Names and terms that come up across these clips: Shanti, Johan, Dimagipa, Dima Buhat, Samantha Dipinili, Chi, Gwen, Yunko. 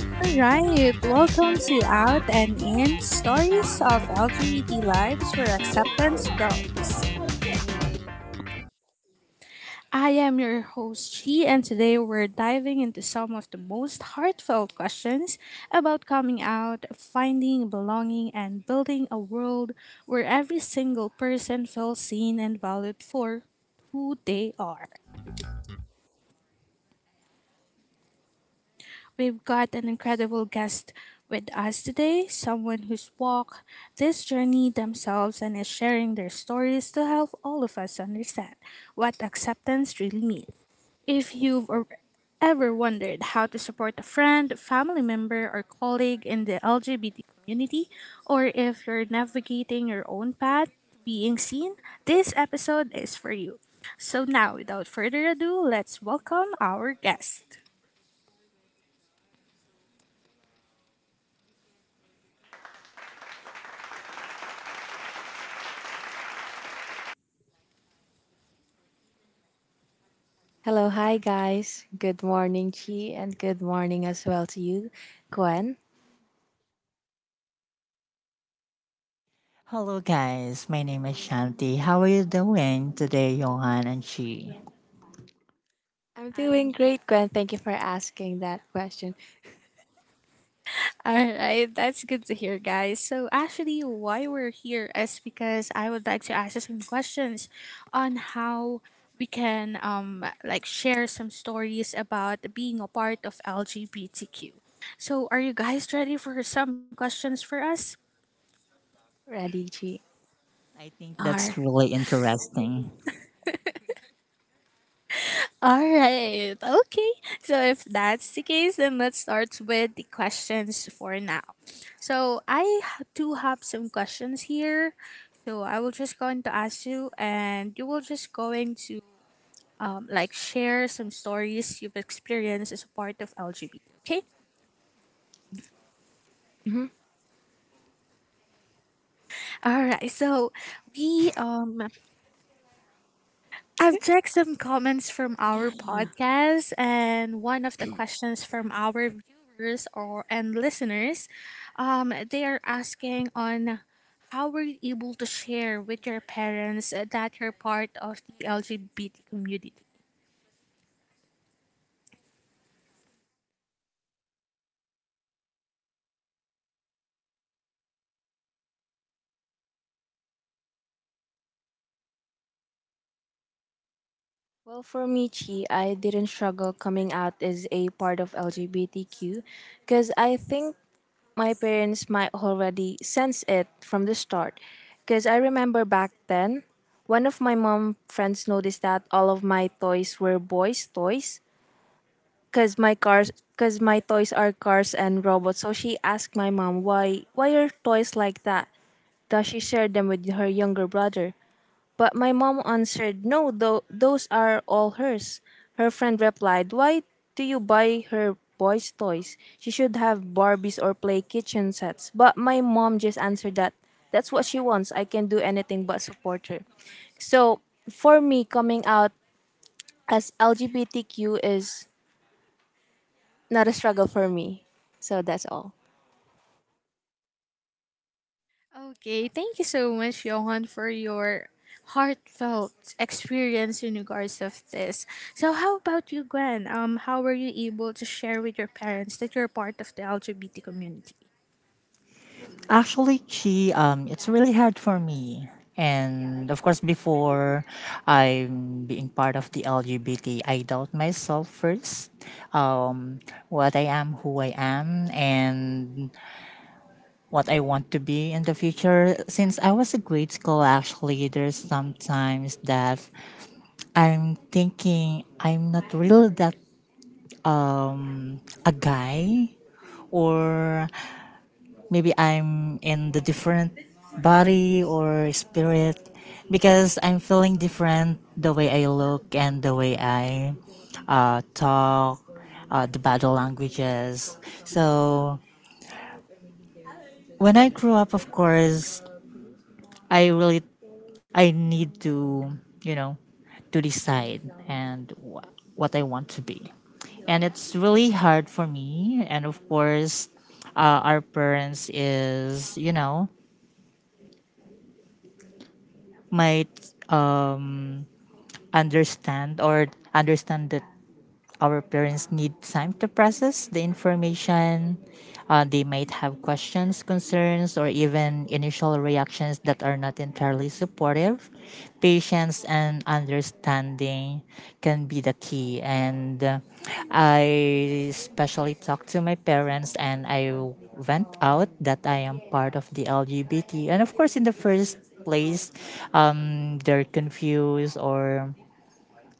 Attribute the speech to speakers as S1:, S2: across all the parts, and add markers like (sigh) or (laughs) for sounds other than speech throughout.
S1: All right, welcome to Out and In Stories of LGBT Lives Where Acceptance Grows. I am your host, Chi, and today we're diving into some of the most heartfelt questions about coming out, finding belonging, and building a world where every single person feels seen and valued for who they are. We've got an incredible guest with us today, someone who's walked this journey themselves and is sharing their stories to help all of us understand what acceptance really means. If you've ever wondered how to support a friend, family member, or colleague in the LGBT community, or if you're navigating your own path to being seen, this episode is for you. So now, without further ado, let's welcome our guest.
S2: Hello, hi guys. Good morning, Chi, and good morning as well to you, Gwen.
S3: Hello, guys. My name is Shanti. How are you doing today, Johan and Chi?
S2: I'm
S1: I
S2: doing
S1: am...
S2: great, Gwen. Thank you for asking that question.
S1: All right, that's good to hear, guys. So, actually, why we're here is because I would like to ask you some questions on how we can like share some stories about being a part of LGBTQ. So, are you guys ready for some questions for us?
S2: Ready, Chi?
S3: I think that's
S1: All
S3: really interesting.
S1: All right. Okay. So if that's the case, then let's start with the questions for now. So I do have some questions here. So I will just going to ask you, and you will just going to like share some stories you've experienced as a part of LGBT. Okay.
S2: Mhm.
S1: All right. So we I've
S2: (laughs)
S1: checked some comments from our podcast, and one of the questions from our viewers or and listeners, they are asking on how were you able to share with your parents that you're part of the LGBT community?
S2: Well, for me, Chi, I didn't struggle coming out as a part of LGBTQ because I think my parents might already sense it from the start. Because I remember back then, one of my mom friends noticed that all of my toys were boys' toys cause my cars cause my toys are cars and robots. So she asked my mom why are toys like that? Does she share them with her younger brother? But my mom answered, "No, though those are all hers." Her friend replied, "Why do you buy her boys' toys? She should have Barbies or play kitchen sets." But my mom just answered that that's what she wants. I can do anything but support her. So for me, coming out as LGBTQ is not a struggle for me. So that's all.
S1: Okay, thank you so much, Johan, for your heartfelt experience in regards of this. So, how about you, Gwen? How were you able to share with your parents that you're part of the LGBT community?
S3: Actually, Chi, it's really hard for me. And of course, before I'm being part of the LGBT, I doubt myself first. Um, what I am, who I am, and what I want to be in the future. Since I was a grade school, actually, there's sometimes that I'm thinking I'm not really that um a guy or maybe I'm in the different body or spirit because I'm feeling different the way I look and the way I talk, the battle languages. So when I grew up, of course, I really I need to you know to decide and what I want to be, and it's really hard for me. And of course, our parents is might um, understand or understand that our parents need time to process the information. They might have questions, concerns, or even initial reactions that are not entirely supportive. Patience and understanding can be the key. And I especially talked to my parents and I went out that I am part of the LGBT. And of course, in the first place, they're confused or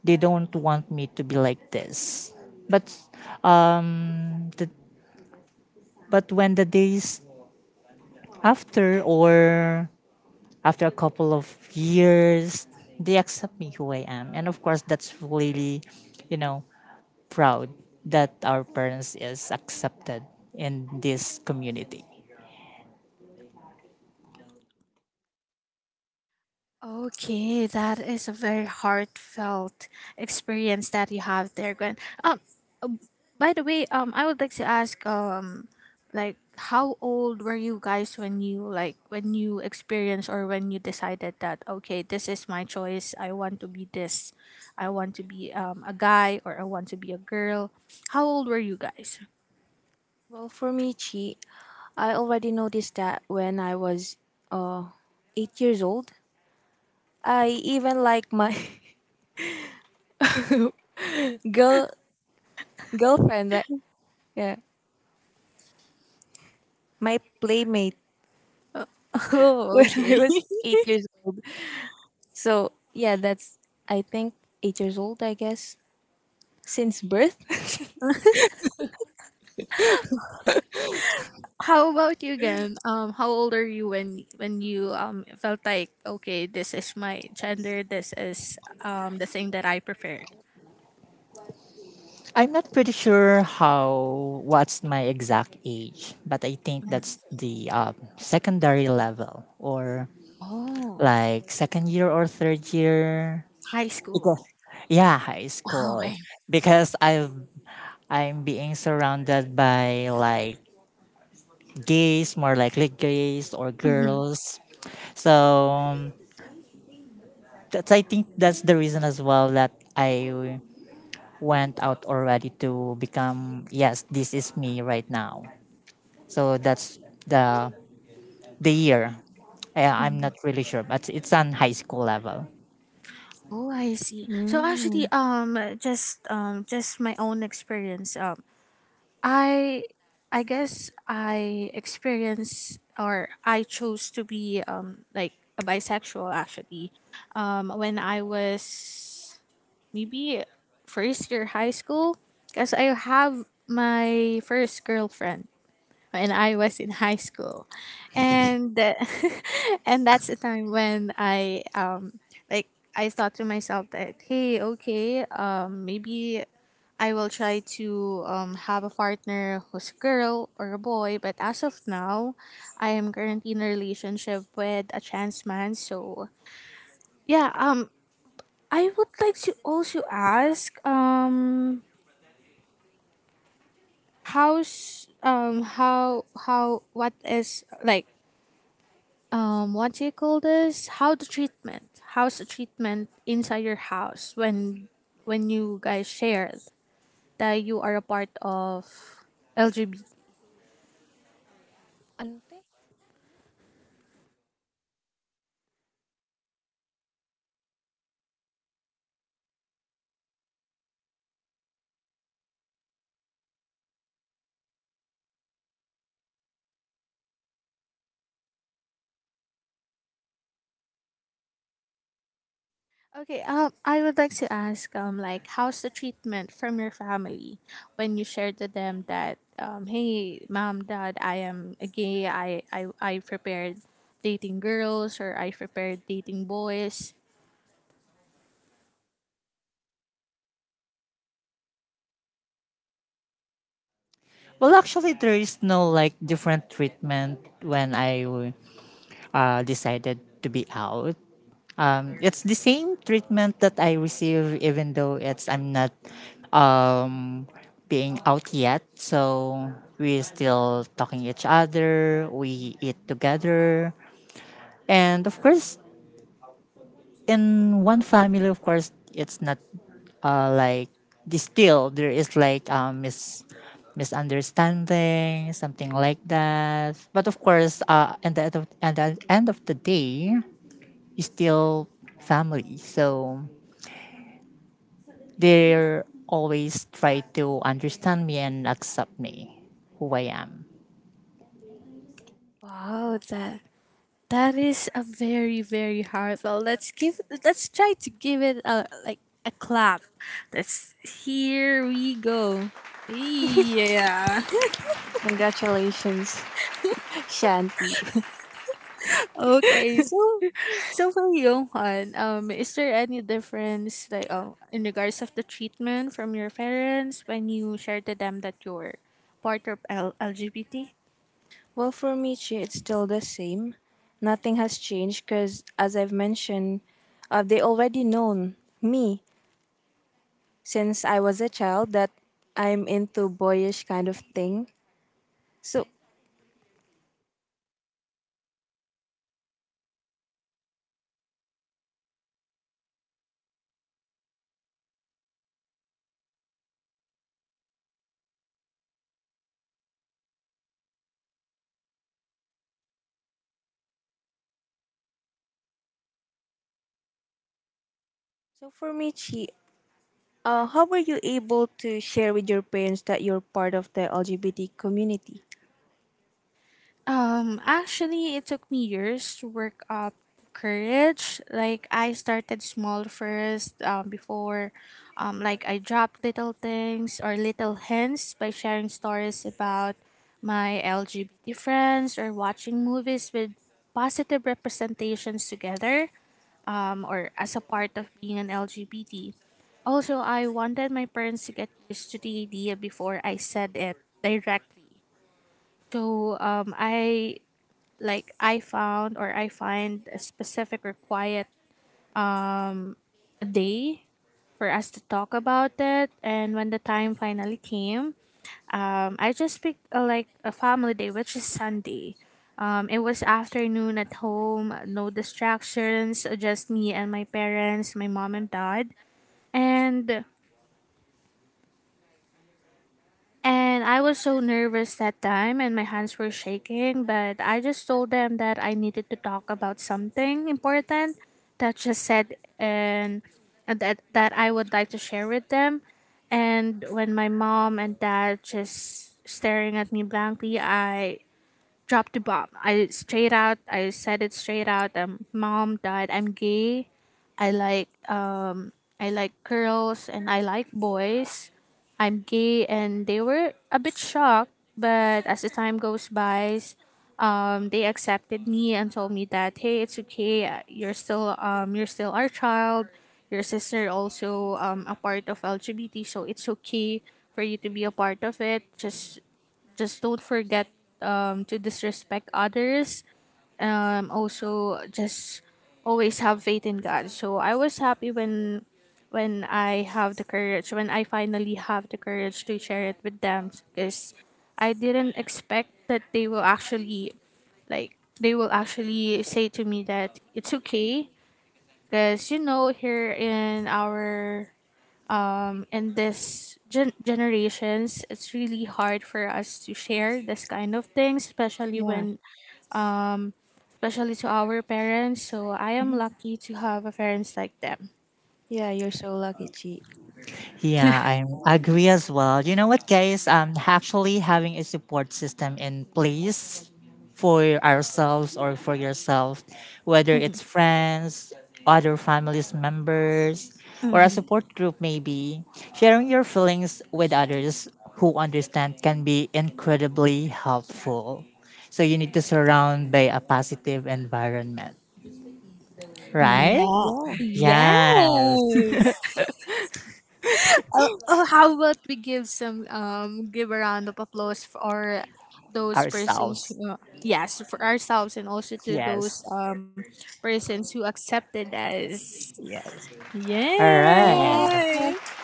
S3: they don't want me to be like this. But uh, the, but when the days after or after a couple of years, they accept me who I am. And of course, that's really, you know, proud that our parents is accepted in this community.
S1: Okay, that is a very heartfelt experience that you have there, Gwen. Um, um, by the way, I would like to ask, like, how old were you guys when you experienced or when you decided that okay, this is my choice. I want to be this. I want to be a guy or I want to be a girl. How old were you guys?
S2: Well, for me, Chi, I already noticed that when I was uh, eight years old. I even like my (laughs) girl girlfriend, like yeah, my playmate
S1: (laughs)
S2: (laughs) when
S1: Oh,
S2: I
S1: okay.
S2: was eight years old. So yeah, that's I think eight years old, I guess, since birth.
S1: How about you again? How old are you when you felt like okay, this is my gender, this is the thing that I preferred?
S3: I'm not pretty sure how what's my exact age, but I think
S1: Mhm.
S3: that's the secondary level or
S1: Oh,
S3: like second year or third year
S1: high school.
S3: because yeah, high
S1: Wow. (laughs) I,
S3: school because I'm being surrounded by like gays, more likely gays or
S1: mhm,
S3: girls. So that's I think that's the reason as well that I went out already to become, yes, this is me right now. So that's the the year. Yeah, I'm not
S1: mhm.
S3: really sure, but it's on high school level.
S1: Oh, I see.
S2: (laughs)
S1: So actually,
S2: Mm.
S1: just my own experience. I, I guess I experienced or I chose to be like a bisexual actually, when I was maybe first year high school because I have my first girlfriend when I was in high school, and (laughs) and that's the time when I like I thought to myself that hey okay maybe. I will try to have a partner who's a girl or a boy, but as of now, I am currently in a relationship with a trans man. So yeah, I would like to also ask how's how what is like what do you call this how's the treatment inside your house when you guys shared that you are a part of LGBT.
S2: Ante?
S1: Okay, I would like to ask, like, how's the treatment from your family when you shared to them that, hey, mom, dad, I am a gay. I prepared dating girls or I prepared dating boys.
S3: Well, actually there is no like different treatment when I decided to be out. It's the same treatment that I receive, even though it's I'm not um, being out yet. So we still talking each other. We eat together, and of course, in one family, of course, it's not like this still there is like misunderstanding something like that, but of course at the at the end of the day is still family. So they always try to understand me and accept me who I am.
S1: Wow, that is a very very hard. Well, let's try to give it a like a clap. Let's... here we go. Yeah. (laughs)
S2: Congratulations, (laughs) Shanti.
S1: Okay, so so for Johan, is there any difference like in regards of the treatment from your parents when you share to them that you're part of LGBT?
S2: Well, for me, Chi, it's still the same. Nothing has changed because, as I've mentioned, they already known me since I was a child that I'm into boyish kind of thing. So, so for me, Chi, how were you able to share with your parents that you're part of the LGBT community?
S1: Actually, it took me years to work up courage. Like I started small first, like I dropped little things or little hints by sharing stories about my LGBT friends or watching movies with positive representations together, or as a part of being an LGBT. Also, I wanted my parents to get used to the idea before I said it directly. So I like I find a specific or quiet day for us to talk about it. And when the time finally came, I just picked a, like a family day, which is Sunday. It was afternoon at home, no distractions, just me and my parents, my mom and dad. And And I was so nervous that time and my hands were shaking, but I just told them that I needed to talk about something important that just said and that I would like to share with them. And when my mom and dad just staring at me blankly, I dropped the bomb. I said it straight out. Mom, dad, I'm gay. I like um, I like girls and I like boys. I'm gay, and they were a bit shocked. But as the time goes by, they accepted me and told me that hey, it's okay. You're still our child. Your sister also a part of LGBT, so it's okay for you to be a part of it. Just don't forget to disrespect others. Also, just always have faith in God. So I was happy when I have the courage, when I finally have the courage to share it with them, because I didn't expect that they will actually like they will actually say to me that it's okay, because you know here in our in this generations it's really hard for us to share this kind of things especially
S2: Yeah,
S1: when especially to our parents, so I am
S2: hmm,
S1: lucky to have a parents like them.
S2: yeah, you're so lucky, Chi.
S3: Yeah, I agree as well. You know what, guys? Actually having a support system in place for ourselves or for yourself, whether
S1: Mhm.
S3: it's friends, other families members, or a
S1: Mhm.
S3: support group, maybe sharing your feelings with others who understand can be incredibly helpful. So you need to surround by a positive environment,
S2: Mm.
S3: right?
S1: Yeah.
S3: Yes,
S1: Yes. Oh, oh, how about we give some give a round of applause for those persons
S3: ourselves.
S1: who, yes for ourselves and also to
S3: Yes.
S1: those persons who accepted us.
S3: All right.
S1: Yeah.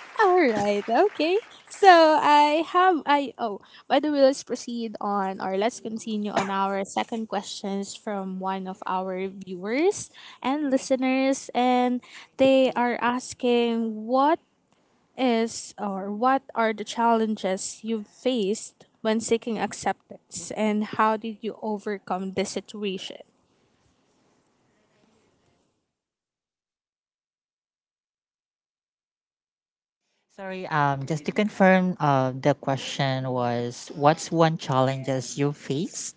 S1: All right, okay. So I have I oh by the way, let's continue on our second questions from one of our viewers and listeners, and they are asking what is or what are the challenges you've faced when seeking acceptance, and how did you overcome this situation?
S3: Sorry, just to confirm, the question was what's one challenges you faced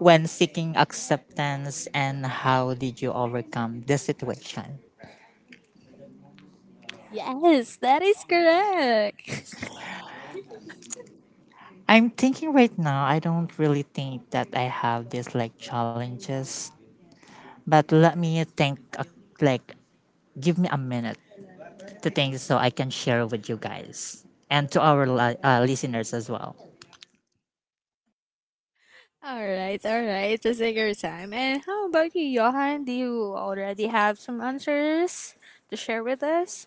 S3: when seeking acceptance and how did you overcome the situation?
S1: Yes, that is correct. (laughs)
S3: I'm thinking right now, I don't really think that I have these like challenges, but let me think, like, give me a minute to think so I can share with you guys and to our listeners as well.
S1: All right, all right. Just take your time. And how about you, Johan? Do you already have some answers to share with us?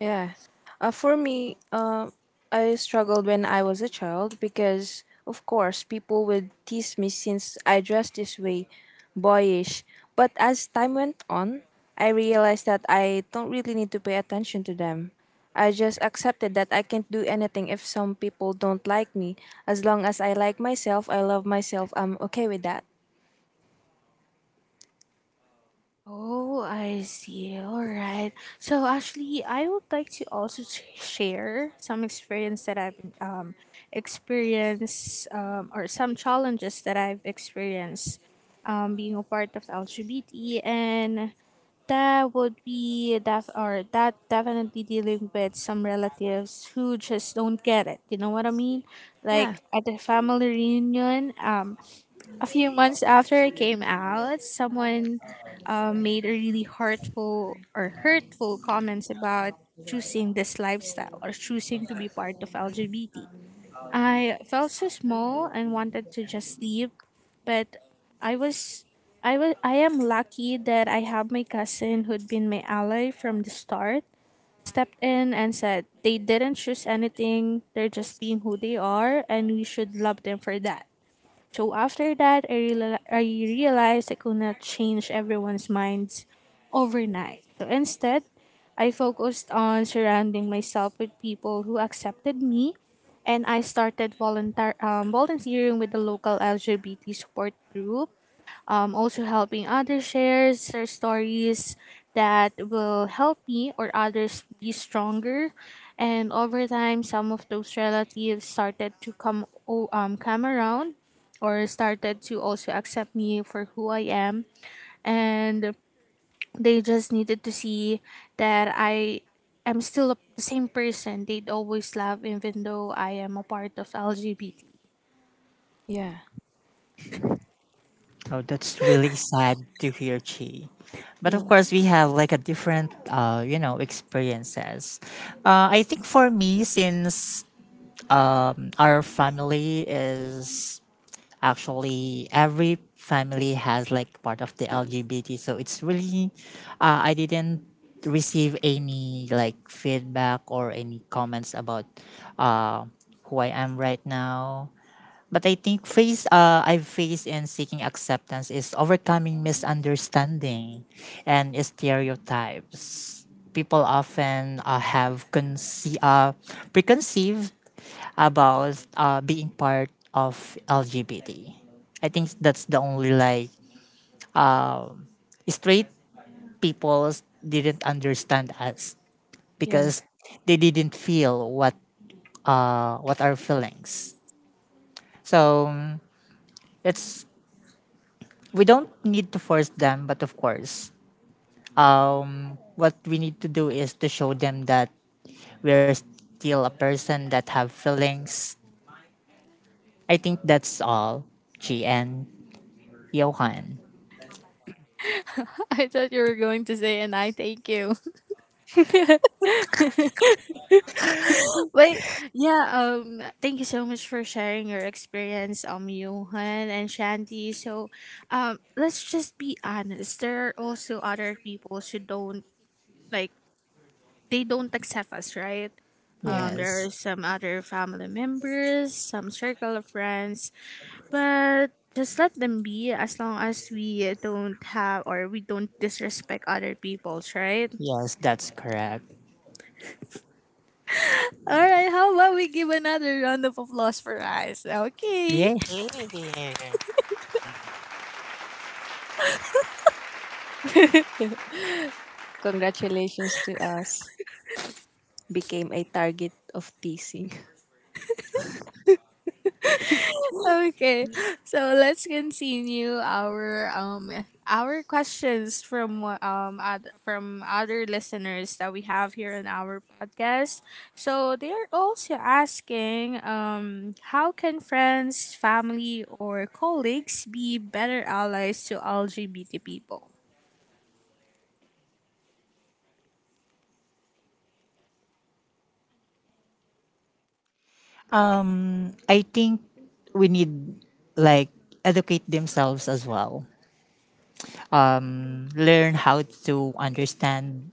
S2: Yeah. For me, I struggled when I was a child because, of course, people would tease me since I dressed this way, boyish. But as time went on, I realized that I don't really need to pay attention to them. I just accepted that I can't do anything if some people don't like me. As long as I like myself, I love myself, I'm okay with that.
S1: Oh, I see. All right. So actually, I would like to also share some experience that I've experienced or some challenges that I've experienced being a part of LGBT and... That would be that or that definitely dealing with some relatives who just don't get it. You know what I mean?
S2: Yeah.
S1: Like at the family reunion, a few months after it came out, someone made a really hurtful comments about choosing this lifestyle or choosing to be part of LGBT. I felt so small and wanted to just sleep, but I was I am lucky that I have my cousin who'd been my ally from the start stepped in and said they didn't choose anything, they're just being who they are and we should love them for that. So after that, I realized I could not change everyone's minds overnight. So instead, I focused on surrounding myself with people who accepted me, and I started volunteering with the local LGBT support group, also helping others share their stories that will help me or others be stronger. And over time, some of those relatives started to come around or started to also accept me for who I am. And they just needed to see that I am still the same person they'd always love, even though I am a part of LGBT.
S2: Yeah.
S3: Oh, that's really sad to hear, Chi. But of
S2: Yeah.
S3: course, we have like a different, experiences. I think for me, since our family is actually every family has like part of the LGBT, so it's really, I didn't receive any like feedback or any comments about uh, who I am right now. But I think phase I've faced in seeking acceptance is overcoming misunderstanding and stereotypes. People often have preconceived about being part of LGBT. I think that's the only like straight people didn't understand us
S2: Yeah.
S3: because they didn't feel what our feelings. So it's we don't need to force them, but of course, what we need to do is to show them that we're still a person that have feelings. I think that's all. GN Johan.
S1: (laughs) I thought you were going to say, and I thank you.
S2: (laughs)
S1: Wait, yeah, thank you so much for sharing your experience, Johan and Shanti. So, let's just be honest. There are also other people who don't, like, they don't accept us, right?
S2: Yeah.
S1: There
S3: Yes.
S1: are some other family members, some circle of friends, but just let them be as long as we don't disrespect other people's, right?
S3: Yes, that's correct.
S1: All right, how about we give another round of applause for us? Okay.
S3: Yeah. Yeah.
S2: Congratulations to us. Became a target of teasing.
S1: Okay, so let's continue our questions from from other listeners that we have here in our podcast. So they are also asking how can friends, family, or colleagues be better allies to LGBT people?
S3: I think we need like educate themselves as well. um, learn how to understand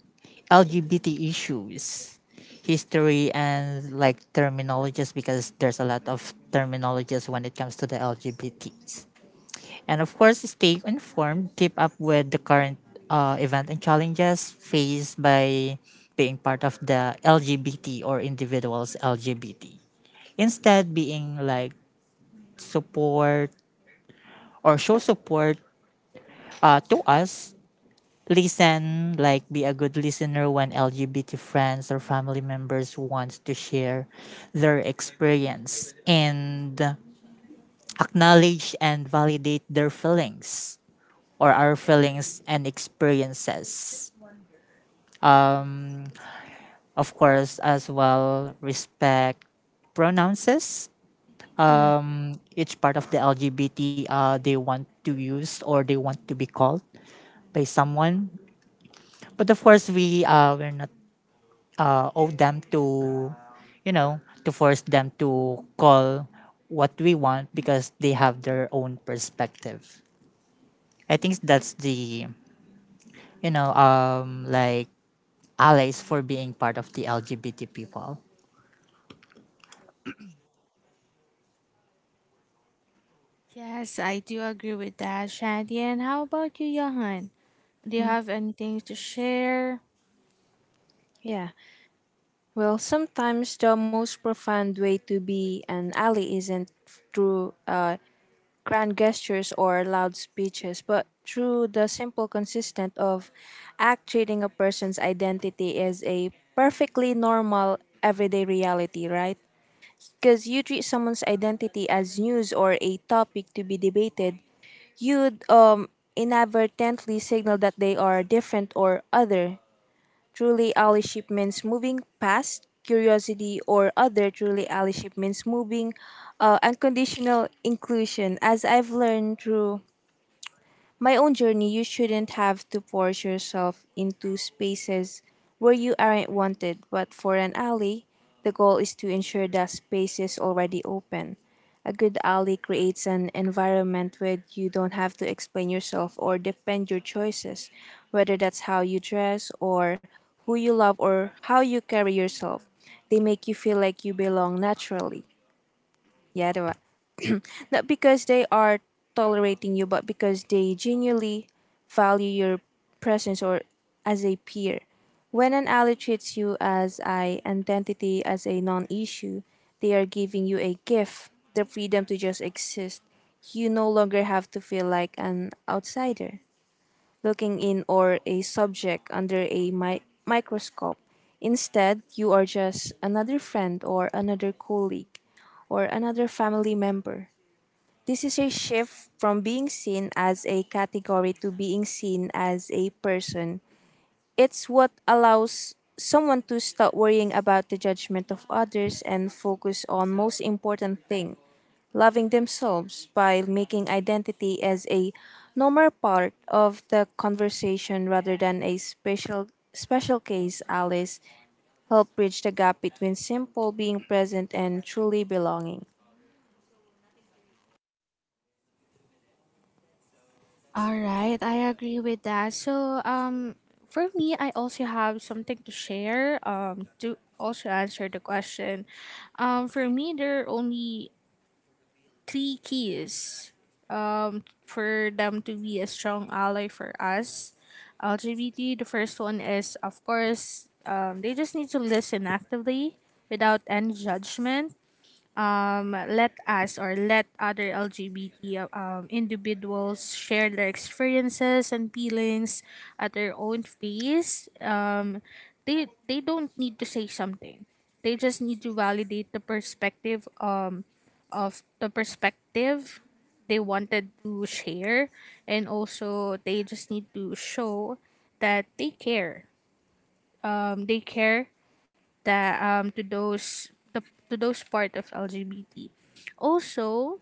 S3: LGBT issues, history, and like terminologies because there's a lot of terminologies when it comes to the LGBTs. And of course, stay informed, keep up with the current event and challenges faced by being part of the LGBT or individuals LGBT. Instead, being like support or show support to us, listen, like be a good listener when LGBT friends or family members want to share their experience and acknowledge and validate their feelings or our feelings and experiences. Of course, as well, respect pronounces
S2: (laughs) Yeah.
S3: each part of the LGBT they want to use or they want to be called by someone. But of course, we're not owe them to, you know, to force them to call what we want, because they have their own perspective. I think that's the, you know, like allies for being part of the LGBT people.
S1: Yes, I do agree with that, Shadi. And how about you, Johan? Do you
S2: Mm,
S1: have anything to share?
S2: yeah. Well, sometimes the most profound way to be an ally isn't through grand gestures or loud speeches, but through the simple consistent of act treating a person's identity as a perfectly normal everyday reality, right? Because you treat someone's identity as news or a topic to be debated, you'd inadvertently signal that they are different or other truly ally shipments moving unconditional inclusion as I've learned through my own journey, you shouldn't have to force yourself into spaces where you aren't wanted. But for an alley, the goal is to ensure that space is already open. A good alley creates an environment where you don't have to explain yourself or defend your choices, whether that's how you dress or who you love or how you carry yourself. They make you feel like you belong naturally. Yeah, diba? Not because they are tolerating you, but because they genuinely value your presence or as a peer. When an ally treats you as an identity, as a non issue, they are giving you a gift, the freedom to just exist. You no longer have to feel like an outsider, looking in or a subject under a microscope. Instead, you are just another friend or another colleague or another family member. This is a shift from being seen as a category to being seen as a person. It's what allows someone to stop worrying about the judgment of others and focus on most important thing, loving themselves by making identity as a normal part of the conversation rather than a special case Alice help bridge the gap between simple being present and truly belonging.
S1: All right, I agree with that. So for me, I also have something to share. To also answer the question, for me, there are only three keys, for them to be a strong ally for us. LGBT. The first one is, of course, they just need to listen actively without any judgment, let us or let other LGBT individuals share their experiences and feelings at their own pace. They don't need to say something. They just need to validate the perspective, of the perspective they wanted to share, and also they just need to show that they care. They care that to those the, to those part of LGBT. Also,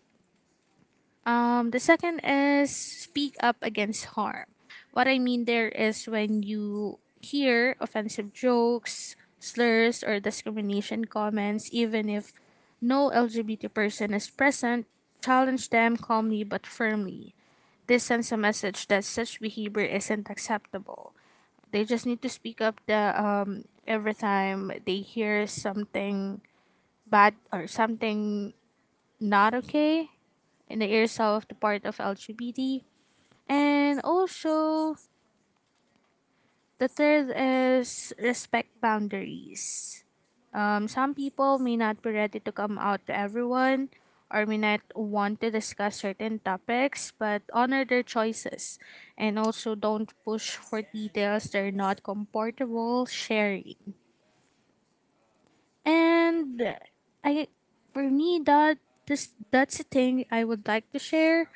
S1: the second is speak up against harm. What I mean there is when you hear offensive jokes, slurs, or discrimination comments, even if no LGBT person is present, challenge them calmly but firmly. This sends a message that such behavior isn't acceptable. They just need to speak up the every time they hear something bad or something not okay in the ears of the part of LGBT. And also, the third is respect boundaries. Some people may not be ready to come out to everyone or may not want to discuss certain topics, but honor their choices and also don't push for details they're not comfortable sharing. And I for me that this that's a thing I would like to share.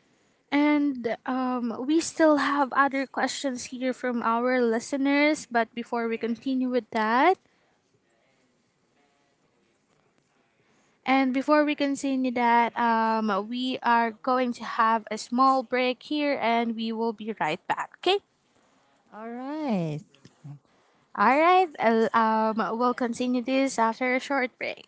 S1: And We still have other questions here from our listeners, but before we continue that, we are going to have a small break here and we will be right back, okay?
S3: All right.
S1: All right, we'll continue this after a short break.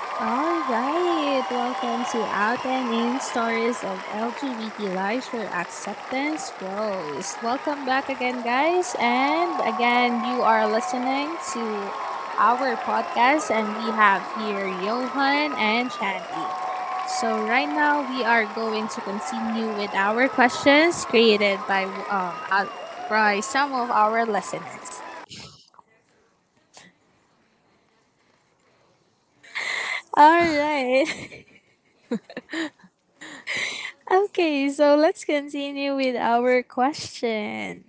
S1: All right, welcome to Out and In Stories of LGBT Lives for Acceptance Grows. Welcome back again, guys. And again, you are listening to our podcast, and we have here Johan and Shanti. So, right now, we are going to continue with our questions created by some of our listeners. All right. (laughs) Okay, so let's continue with our question.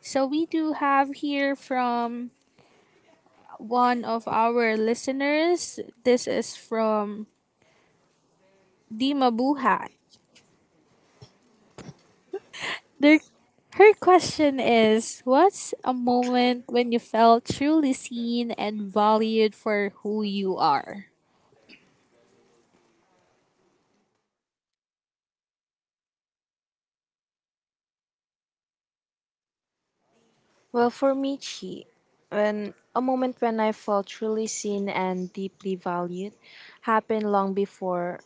S1: So we do have here from one of our listeners. This is from Dima Buhat. Their her question is, what's a moment when you felt truly seen and valued for who you are?
S2: Well, for me, Chi, when a moment when I felt truly seen and deeply valued happened long before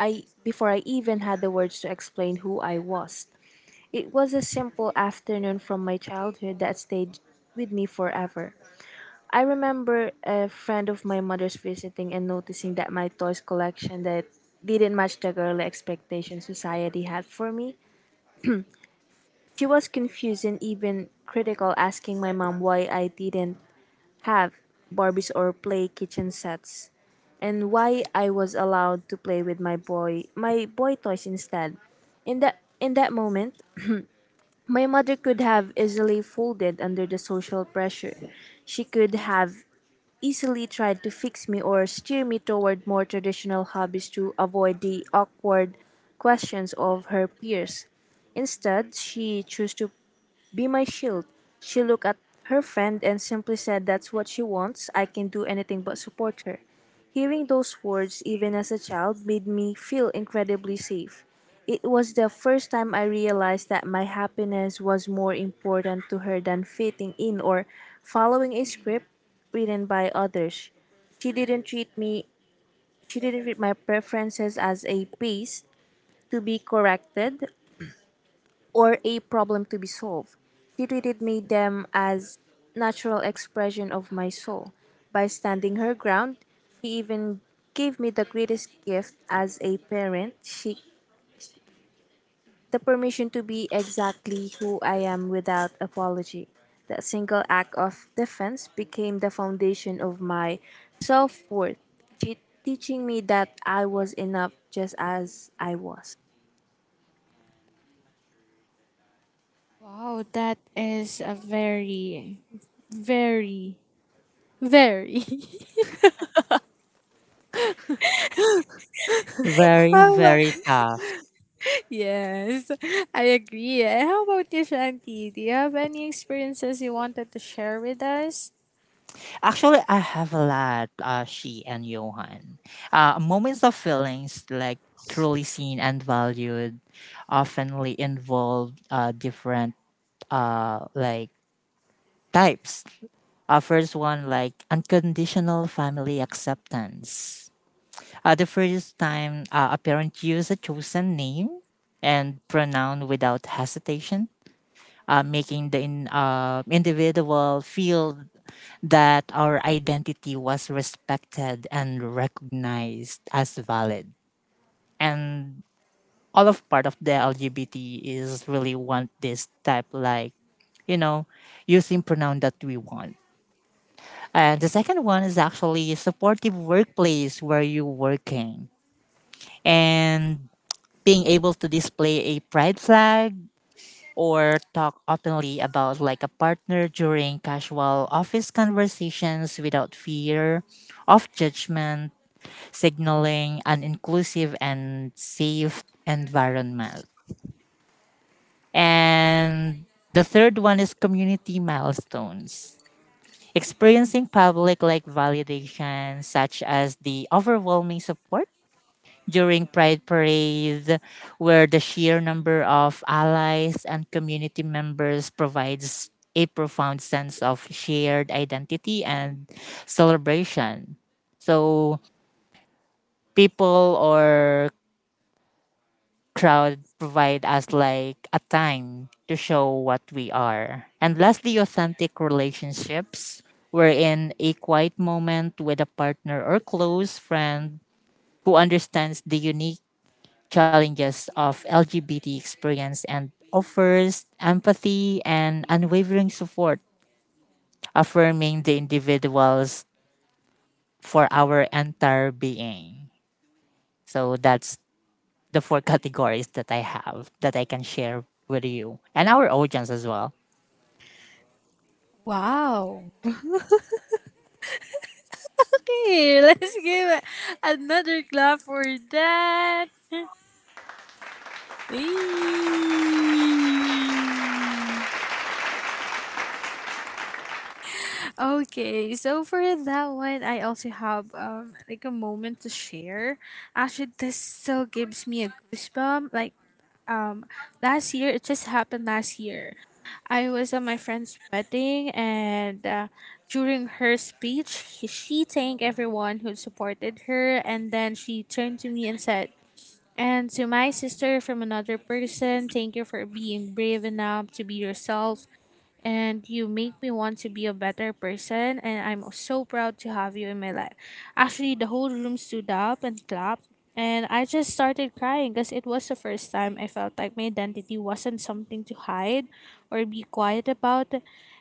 S2: I before I even had the words to explain who I was. It was a simple afternoon from my childhood that stayed with me forever. I remember a friend of my mother's visiting and noticing that my toys collection that didn't match the girly expectation society had for me. She was confused and even critical, asking my mom why I didn't have Barbies or play kitchen sets, and why I was allowed to play with my boy toys instead. In that moment, my mother could have easily folded under the social pressure. She could have easily tried to fix me or steer me toward more traditional hobbies to avoid the awkward questions of her peers. Instead, she chose to be my shield. She looked at her friend and simply said, "That's what she wants. I can do anything but support her." Hearing those words, even as a child, made me feel incredibly safe. It was the first time I realized that my happiness was more important to her than fitting in or following a script written by others. She didn't treat me she didn't treat my preferences as a piece to be corrected or a problem to be solved. She treated me them as natural expression of my soul. By standing her ground, she even gave me the greatest gift as a parent, she the permission to be exactly who I am without apology. That single act of defense became the foundation of my self-worth, teaching me that I was enough just as I was.
S1: Wow, that is a very very (laughs)
S3: Very,
S1: Well,
S3: very tough.
S1: yes, (laughs) I agree. And how about you, Shanti? Do you have any experiences you wanted to share with us?
S3: Actually, I have a lot, she and Johan. Moments of feelings like truly seen and valued oftenly involve different uh, like types. First one, like unconditional family acceptance. The first time a parent uses a chosen name and pronoun without hesitation, making the individual feel that our identity was respected and recognized as valid. And all of part of the LGBT is really want this type, like, you know, using pronoun that we want. And the second one is actually a supportive workplace where you're working and being able to display a pride flag or talk openly about like a partner during casual office conversations without fear of judgment, signaling an inclusive and safe environment. And the third one is community milestones. Experiencing public like validation, such as the overwhelming support during Pride Parade, where the sheer number of allies and community members provides a profound sense of shared identity and celebration. So people or crowd provide us like a time to show what we are. And lastly, authentic relationships. We're in a quiet moment with a partner or close friend who understands the unique challenges of LGBT experience and offers empathy and unwavering support, affirming the individuals for our entire being. So that's the four categories that I have that I can share with you and our audience as well.
S1: Wow. Okay, (laughs) let's give another clap for that. Eee. Okay, so for that one, I also have like a moment to share. Actually, this still gives me a goosebump. Like, um last year it just happened last year I was at my friend's wedding and, during her speech, she thanked everyone who supported her and then she turned to me and said, and to my sister from another person, thank you for being brave enough to be yourself and you make me want to be a better person and I'm so proud to have you in my life. Actually, the whole room stood up and clapped and I just started crying because it was the first time I felt like my identity wasn't something to hide or be quiet about.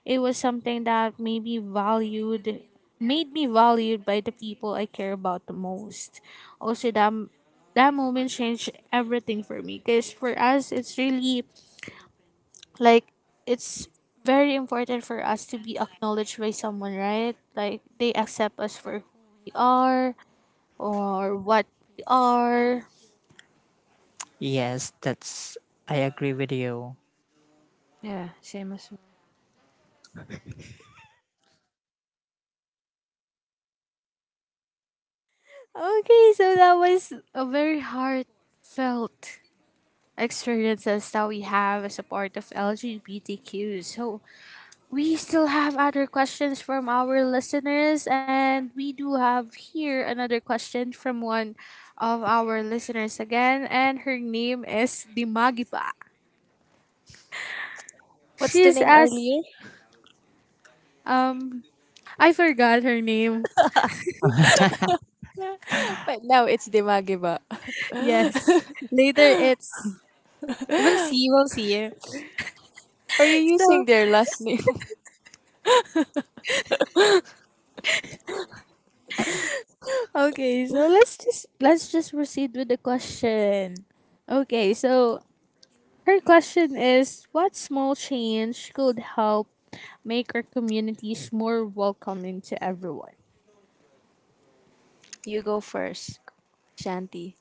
S1: It was something that made me valued, by the people I care about the most. Also, that moment changed everything for me because for us it's really, like it's very important for us to be acknowledged by someone, right? Like they accept us for who we are or what we are.
S3: Yes, that's I agree with you.
S2: Yeah, same as well.
S1: Okay, so that was a very heartfelt experiences that we have as a part of LGBTQ. So we still have other questions from our listeners and we do have here another question from one of our listeners again, and her name is Dimagipa. She's as, um I forgot her name.
S2: But now it's Dimagiba.
S1: Yes. Later, we'll see.
S2: Are you
S1: So
S2: using their last name? (laughs)
S1: okay, so let's just proceed with the question. Okay, so her question is, what small change could help make our communities more welcoming to everyone?
S2: You go first, Shanti.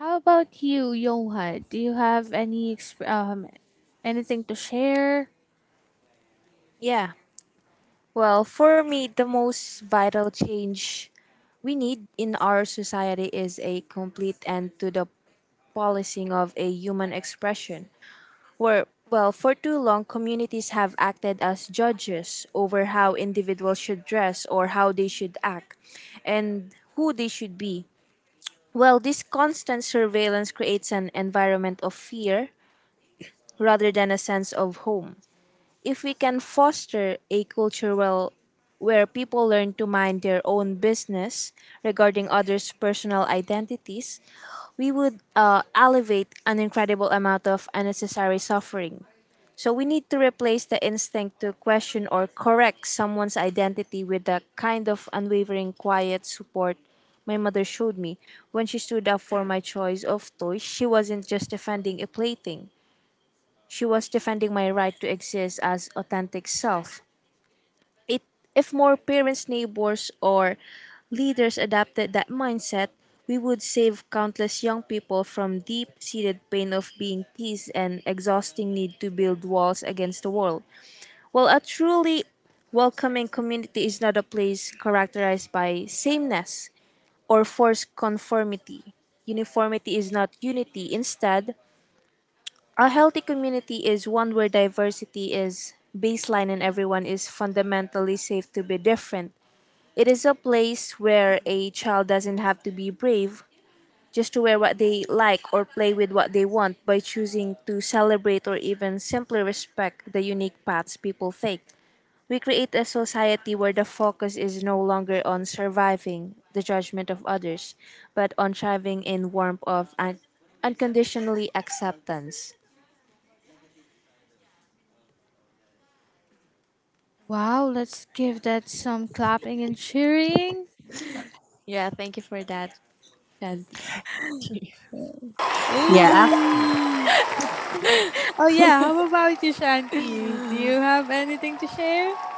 S1: How about you, Johan? Do you have any anything to share?
S2: Yeah. Well, for me, the most vital change we need in our society is a complete end to the policing of a human expression. Where, well, for too long, communities have acted as judges over how individuals should dress or how they should act and who they should be. Well, this constant surveillance creates an environment of fear, rather than a sense of home. If we can foster a culture well, where people learn to mind their own business regarding others' personal identities, we would elevate an incredible amount of unnecessary suffering. So we need to replace the instinct to question or correct someone's identity with the kind of unwavering quiet support my mother showed me. When she stood up for my choice of toys, she wasn't just defending a plaything. She was defending my right to exist as authentic self. It, if more parents, neighbors, or leaders adopted that mindset, we would save countless young people from deep seated pain of being teased and exhausting need to build walls against the world. Well, a truly welcoming community is not a place characterized by sameness or forced conformity. Uniformity is not unity. Instead, a healthy community is one where diversity is baseline and everyone is fundamentally safe to be different. It is a place where a child doesn't have to be brave just to wear what they like or play with what they want by choosing to celebrate or even simply respect the unique paths people take. We create a society where the focus is no longer on surviving the judgment of others, but on thriving in warmth of unconditionally acceptance.
S1: Wow, let's give that some clapping and cheering.
S2: Yeah, thank you for that. Yes.
S3: Yeah, actually,
S1: Hey. Oh yeah, how about you, Shanti? Do you have anything to share?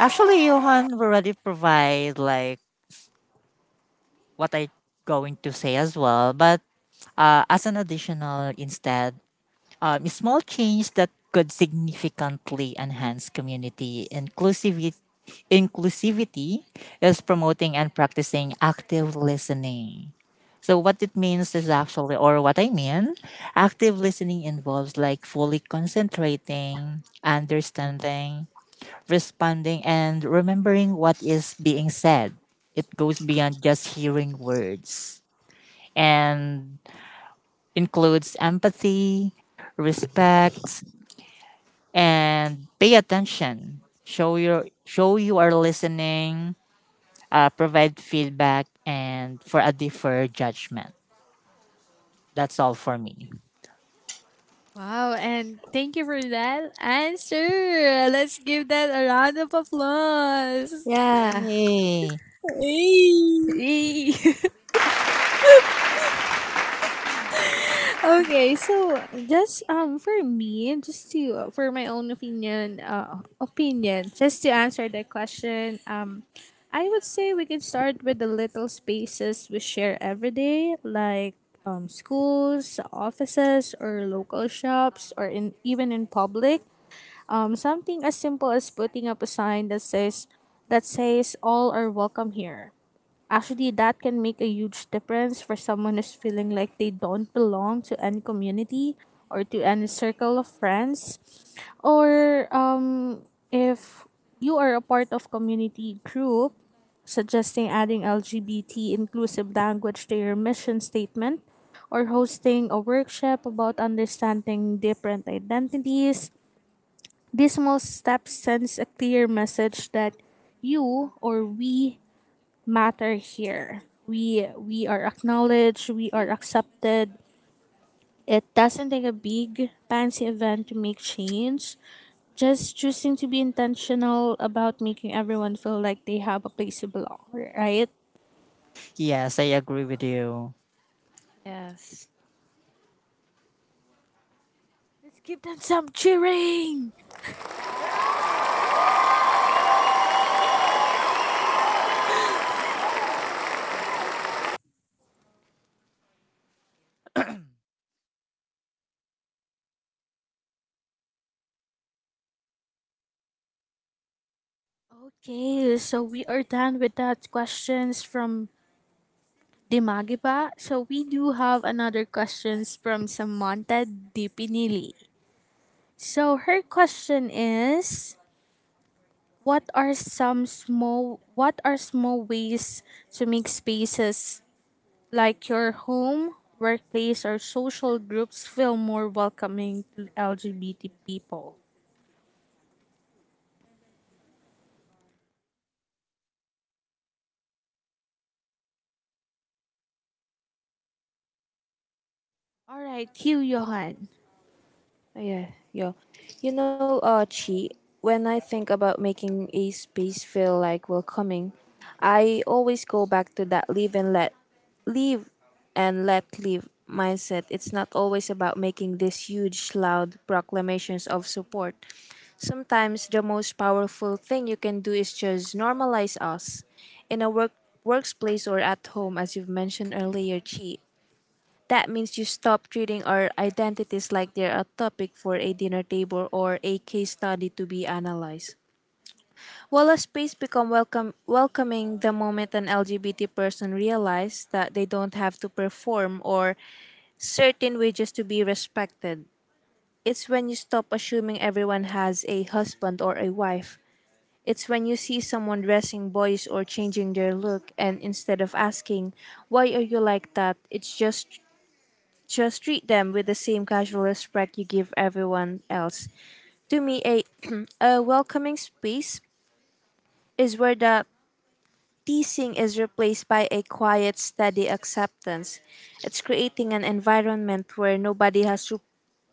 S3: actually, Johan already provide like what I going to say as well, but as an additional instead, small change that could significantly enhance community inclusivity is promoting and practicing active listening. So what it means is actually or what I mean, active listening involves like fully concentrating, understanding, responding, and remembering what is being said. It goes beyond just hearing words and includes empathy, respect, and pay attention. Show you are listening. Provide feedback and for a deferred judgment. That's all for me.
S1: Wow, and thank you for that answer. Let's give that a round of applause.
S2: Yeah.
S3: Yay!
S1: Hey.
S2: Yee. (laughs)
S1: Okay, so just for me, just to for my own opinion, just to answer the question, I would say we could start with the little spaces we share every day, like schools, offices, or local shops, or in even in public. Something as simple as putting up a sign that says all are welcome here. Actually, that can make a huge difference for someone who's feeling like they don't belong to any community or to any circle of friends. Or, if you are a part of community group, suggesting adding LGBT inclusive language to your mission statement or hosting a workshop about understanding different identities. These small steps sends a clear message that you or we matter here. We are acknowledged, we are accepted. It doesn't take a big fancy event to make change. Just choosing to be intentional about making everyone feel like they have a place to belong, right?
S3: Yes, I agree with you.
S2: Yes.
S1: Let's give them some cheering. Okay, so we are done with that questions from Dimagiba. So we do have another questions from Samantha Dipinili. So her question is, what are small ways to make spaces like your home, workplace or social groups feel more welcoming to LGBT people? All right, you Johan.
S2: Oh, yeah. Yeah. You know, Chi, when I think about making a space feel like welcoming, I always go back to that live and let live mindset. It's not always about making these huge, loud proclamations of support. Sometimes the most powerful thing you can do is just normalize us in a workplace or at home, as you've mentioned earlier, Chi. That means you stop treating our identities like they're a topic for a dinner table or a case study to be analyzed. While a space become welcoming the moment an LGBT person realized that they don't have to perform or certain way just to be respected. It's when you stop assuming everyone has a husband or a wife. It's when you see someone dressing boys or changing their look and instead of asking, why are you like that? It's just treat them with the same casual respect you give everyone else. To me, (clears throat) a welcoming space is where the teasing is replaced by a quiet, steady acceptance. It's creating an environment where nobody has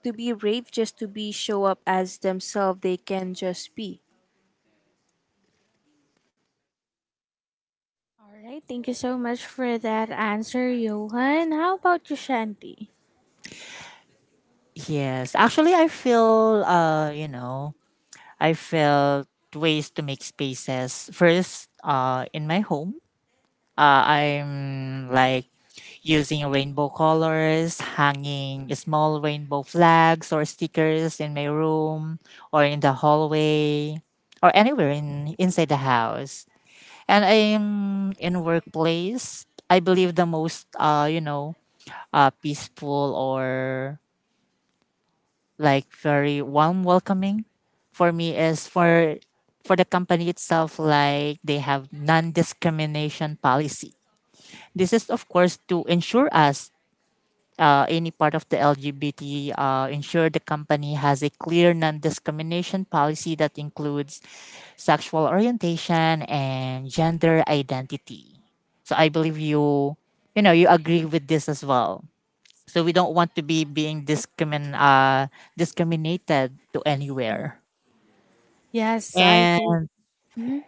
S2: to be brave just to be show up as themselves. They can just be.
S1: All right, thank you so much for that answer, Johan. How about you, Shanti?
S3: Yes, actually, I feel I felt ways to make spaces first in my home. I'm like using rainbow colors, hanging small rainbow flags or stickers in my room or in the hallway or anywhere in inside the house. And I'm in workplace. I believe the most peaceful or like very warm welcoming for me is for the company itself, like they have non discrimination policy. This is, of course, to ensure us any part of the LGBT, ensure the company has a clear non-discrimination policy that includes sexual orientation and gender identity. So I believe you, you know, you agree with this as well. So we don't want to be being discriminated to anywhere.
S1: So I to-
S3: And
S1: Mhm.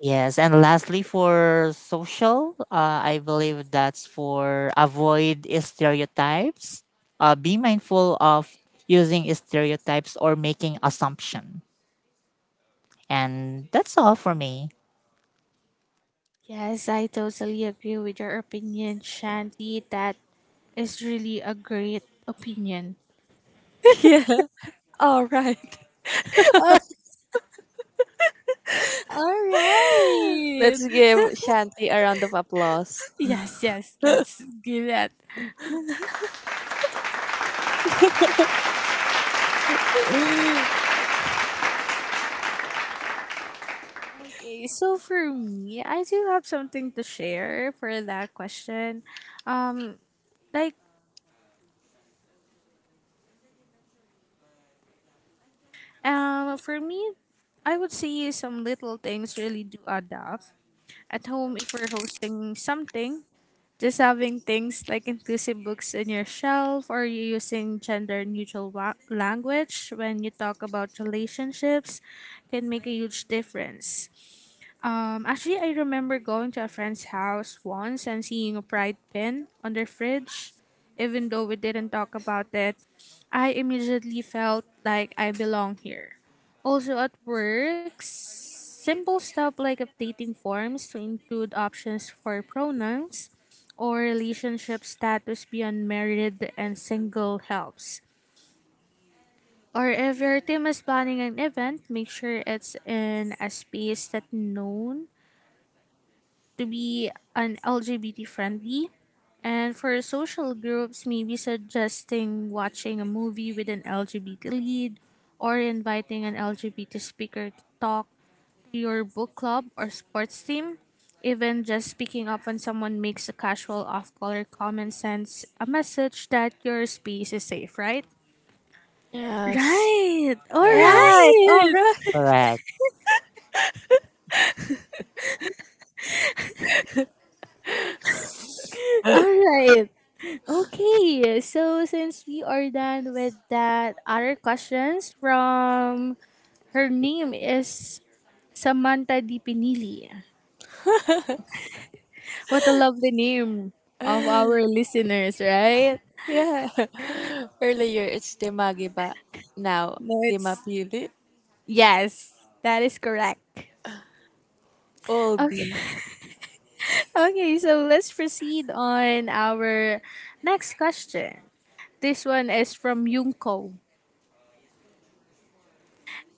S3: yes, and lastly, for social, I believe that's for avoid stereotypes. Be mindful of using stereotypes or making assumption, and that's all for me.
S1: Yes, I totally agree with your opinion, Shanti. That is really a great opinion.
S2: (laughs) Yeah. All right.
S1: (laughs) All right.
S2: Let's give
S1: (laughs)
S2: Shanti a round of applause.
S1: Yes, yes, let's do that. Okay, so for me, I do have something to share for that question. Um, like, for me, I would say some little things really do add up. At home, if we're hosting something, just having things like inclusive books in your shelf or you using gender neutral language when you talk about relationships can make a huge difference. Actually, I remember going to a friend's house once and seeing a pride pin on their fridge. Even though we didn't talk about it, I immediately felt like I belong here. Also, at work, simple stuff like updating forms to include options for pronouns or relationship status beyond married and single helps. Or if your team is planning an event, make sure it's in a space that's known to be an LGBT friendly. And for social groups, maybe suggesting watching a movie with an LGBT lead or inviting an LGBT speaker to talk to your book club or sports team. Even just picking up when someone makes a casual off color comment sends a message that your space is safe, right?
S2: Yes.
S1: Right!
S2: Right.
S3: Yes,
S2: All
S1: Alright!
S2: right. (laughs)
S3: correct.
S1: Alright! Okay, so since we are done with that other questions from, her name is Samantha Di Pinili. What a lovely name of our listeners, right?
S2: Yeah. Earlier it's Demagiba. Now
S1: No, it's,
S2: Demapili.
S1: yes, that is correct.
S2: Oldie.
S1: Okay. (laughs) Okay, so let's proceed on our next question. This one is from Yunko.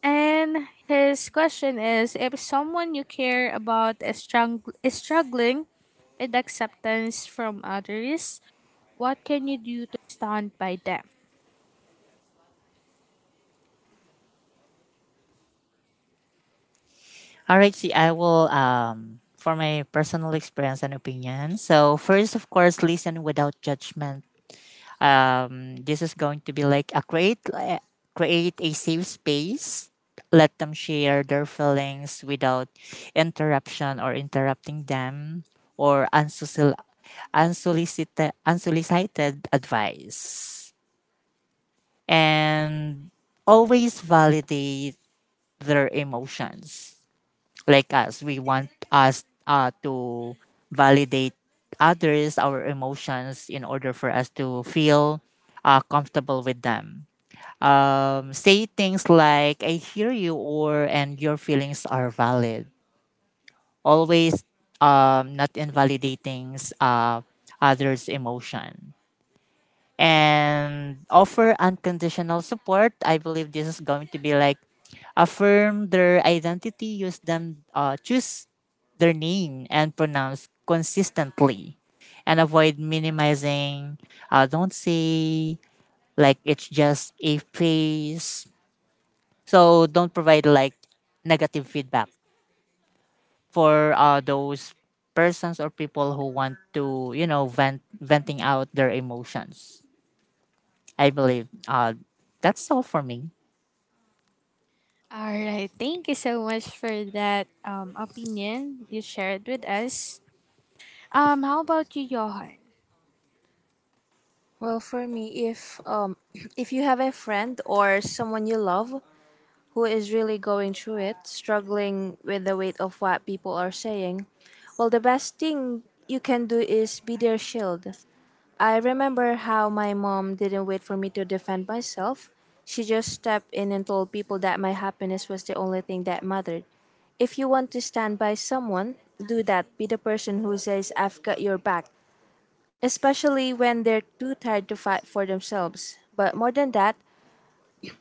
S1: And his question is, if someone you care about is struggling with acceptance from others, what can you do to stand by them?
S3: All right, see, I will for my personal experience and opinion. So first, of course, listen without judgment. This is going to be like a create a safe space. Let them share their feelings without interruption or interrupting them or unsolicited advice, and always validate their emotions. Like us, we want us to validate others our emotions in order for us to feel comfortable with them. Say things like I hear you or and your feelings are valid. Always not invalidating others emotion and offer unconditional support. I believe this is going to be like affirm their identity, use them, choose their name and pronounce consistently, and avoid minimizing. Don't say like it's just a phase. So don't provide like negative feedback for those persons or people who want to venting out their emotions. I believe that's all for me.
S1: All right, thank you so much for that, opinion you shared with us. How about you, Johan?
S2: Well, for me, if (clears throat) if you have a friend or someone you love who is really going through it, struggling with the weight of what people are saying, well, the best thing you can do is be their shield. I remember how my mom didn't wait for me to defend myself. She just stepped in and told people that my happiness was the only thing that mattered. If you want to stand by someone, do that. Be the person who says, "I've got your back," especially when they're too tired to fight for themselves. But more than that,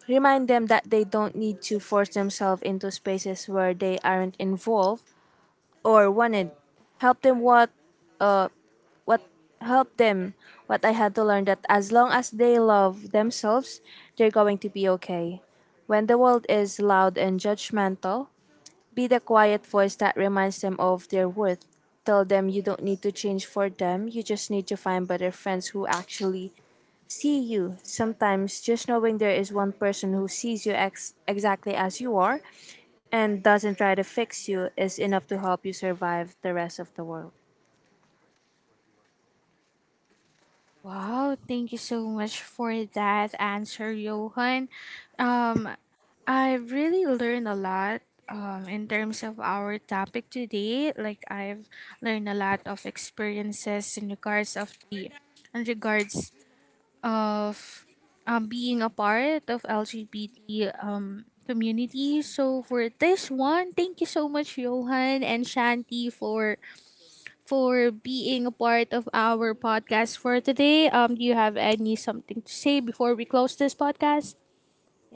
S2: remind them that they don't need to force themselves into spaces where they aren't involved or wanted. Help them what uh what help them what I had to learn, that as long as they love themselves, they're going to be okay. When the world is loud and judgmental, be the quiet voice that reminds them of their worth. Tell them you don't need to change for them, you just need to find better friends who actually see you. Sometimes just knowing there is one person who sees you exactly as you are and doesn't try to fix you is enough to help you survive the rest of the world.
S1: Wow, thank you so much for that answer, Johan. Um, I've really learned a lot in terms of our topic today. Like I've learned a lot of experiences in regards of, being a part of LGBT, community. So for this one, thank you so much, Johan and Shanti, for being a part of our podcast for today. Do you have any something to say before we close this podcast?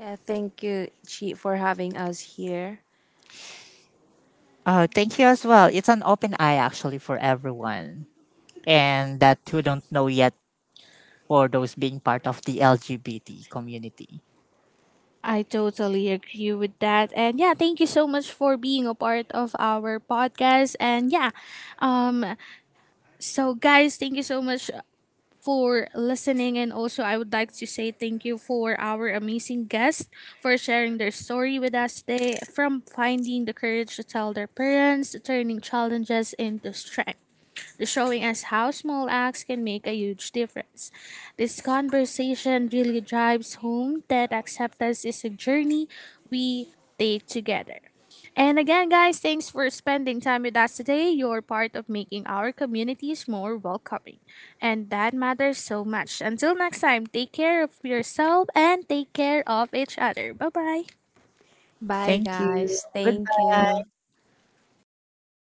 S2: Yeah, thank you, Chi, for having us here.
S3: Oh, thank you as well. It's an open eye actually for everyone, and that who don't know yet for those being part of the LGBT community.
S1: I totally agree with that. And yeah, thank you so much for being a part of our podcast. Um so guys, thank you so much for listening and also I would like to say thank you for our amazing guests for sharing their story with us today, from finding the courage to tell their parents, to turning challenges into strength, the showing us how small acts can make a huge difference. This conversation really drives home that acceptance is a journey we take together. And again, guys, thanks for spending time with us today. You're part of making our communities more welcoming. And that matters so much. Until next time, take care of yourself and take care of each other. Bye bye.
S2: Bye,
S3: Thank you.
S2: guys. Thank
S3: Goodbye.
S2: you.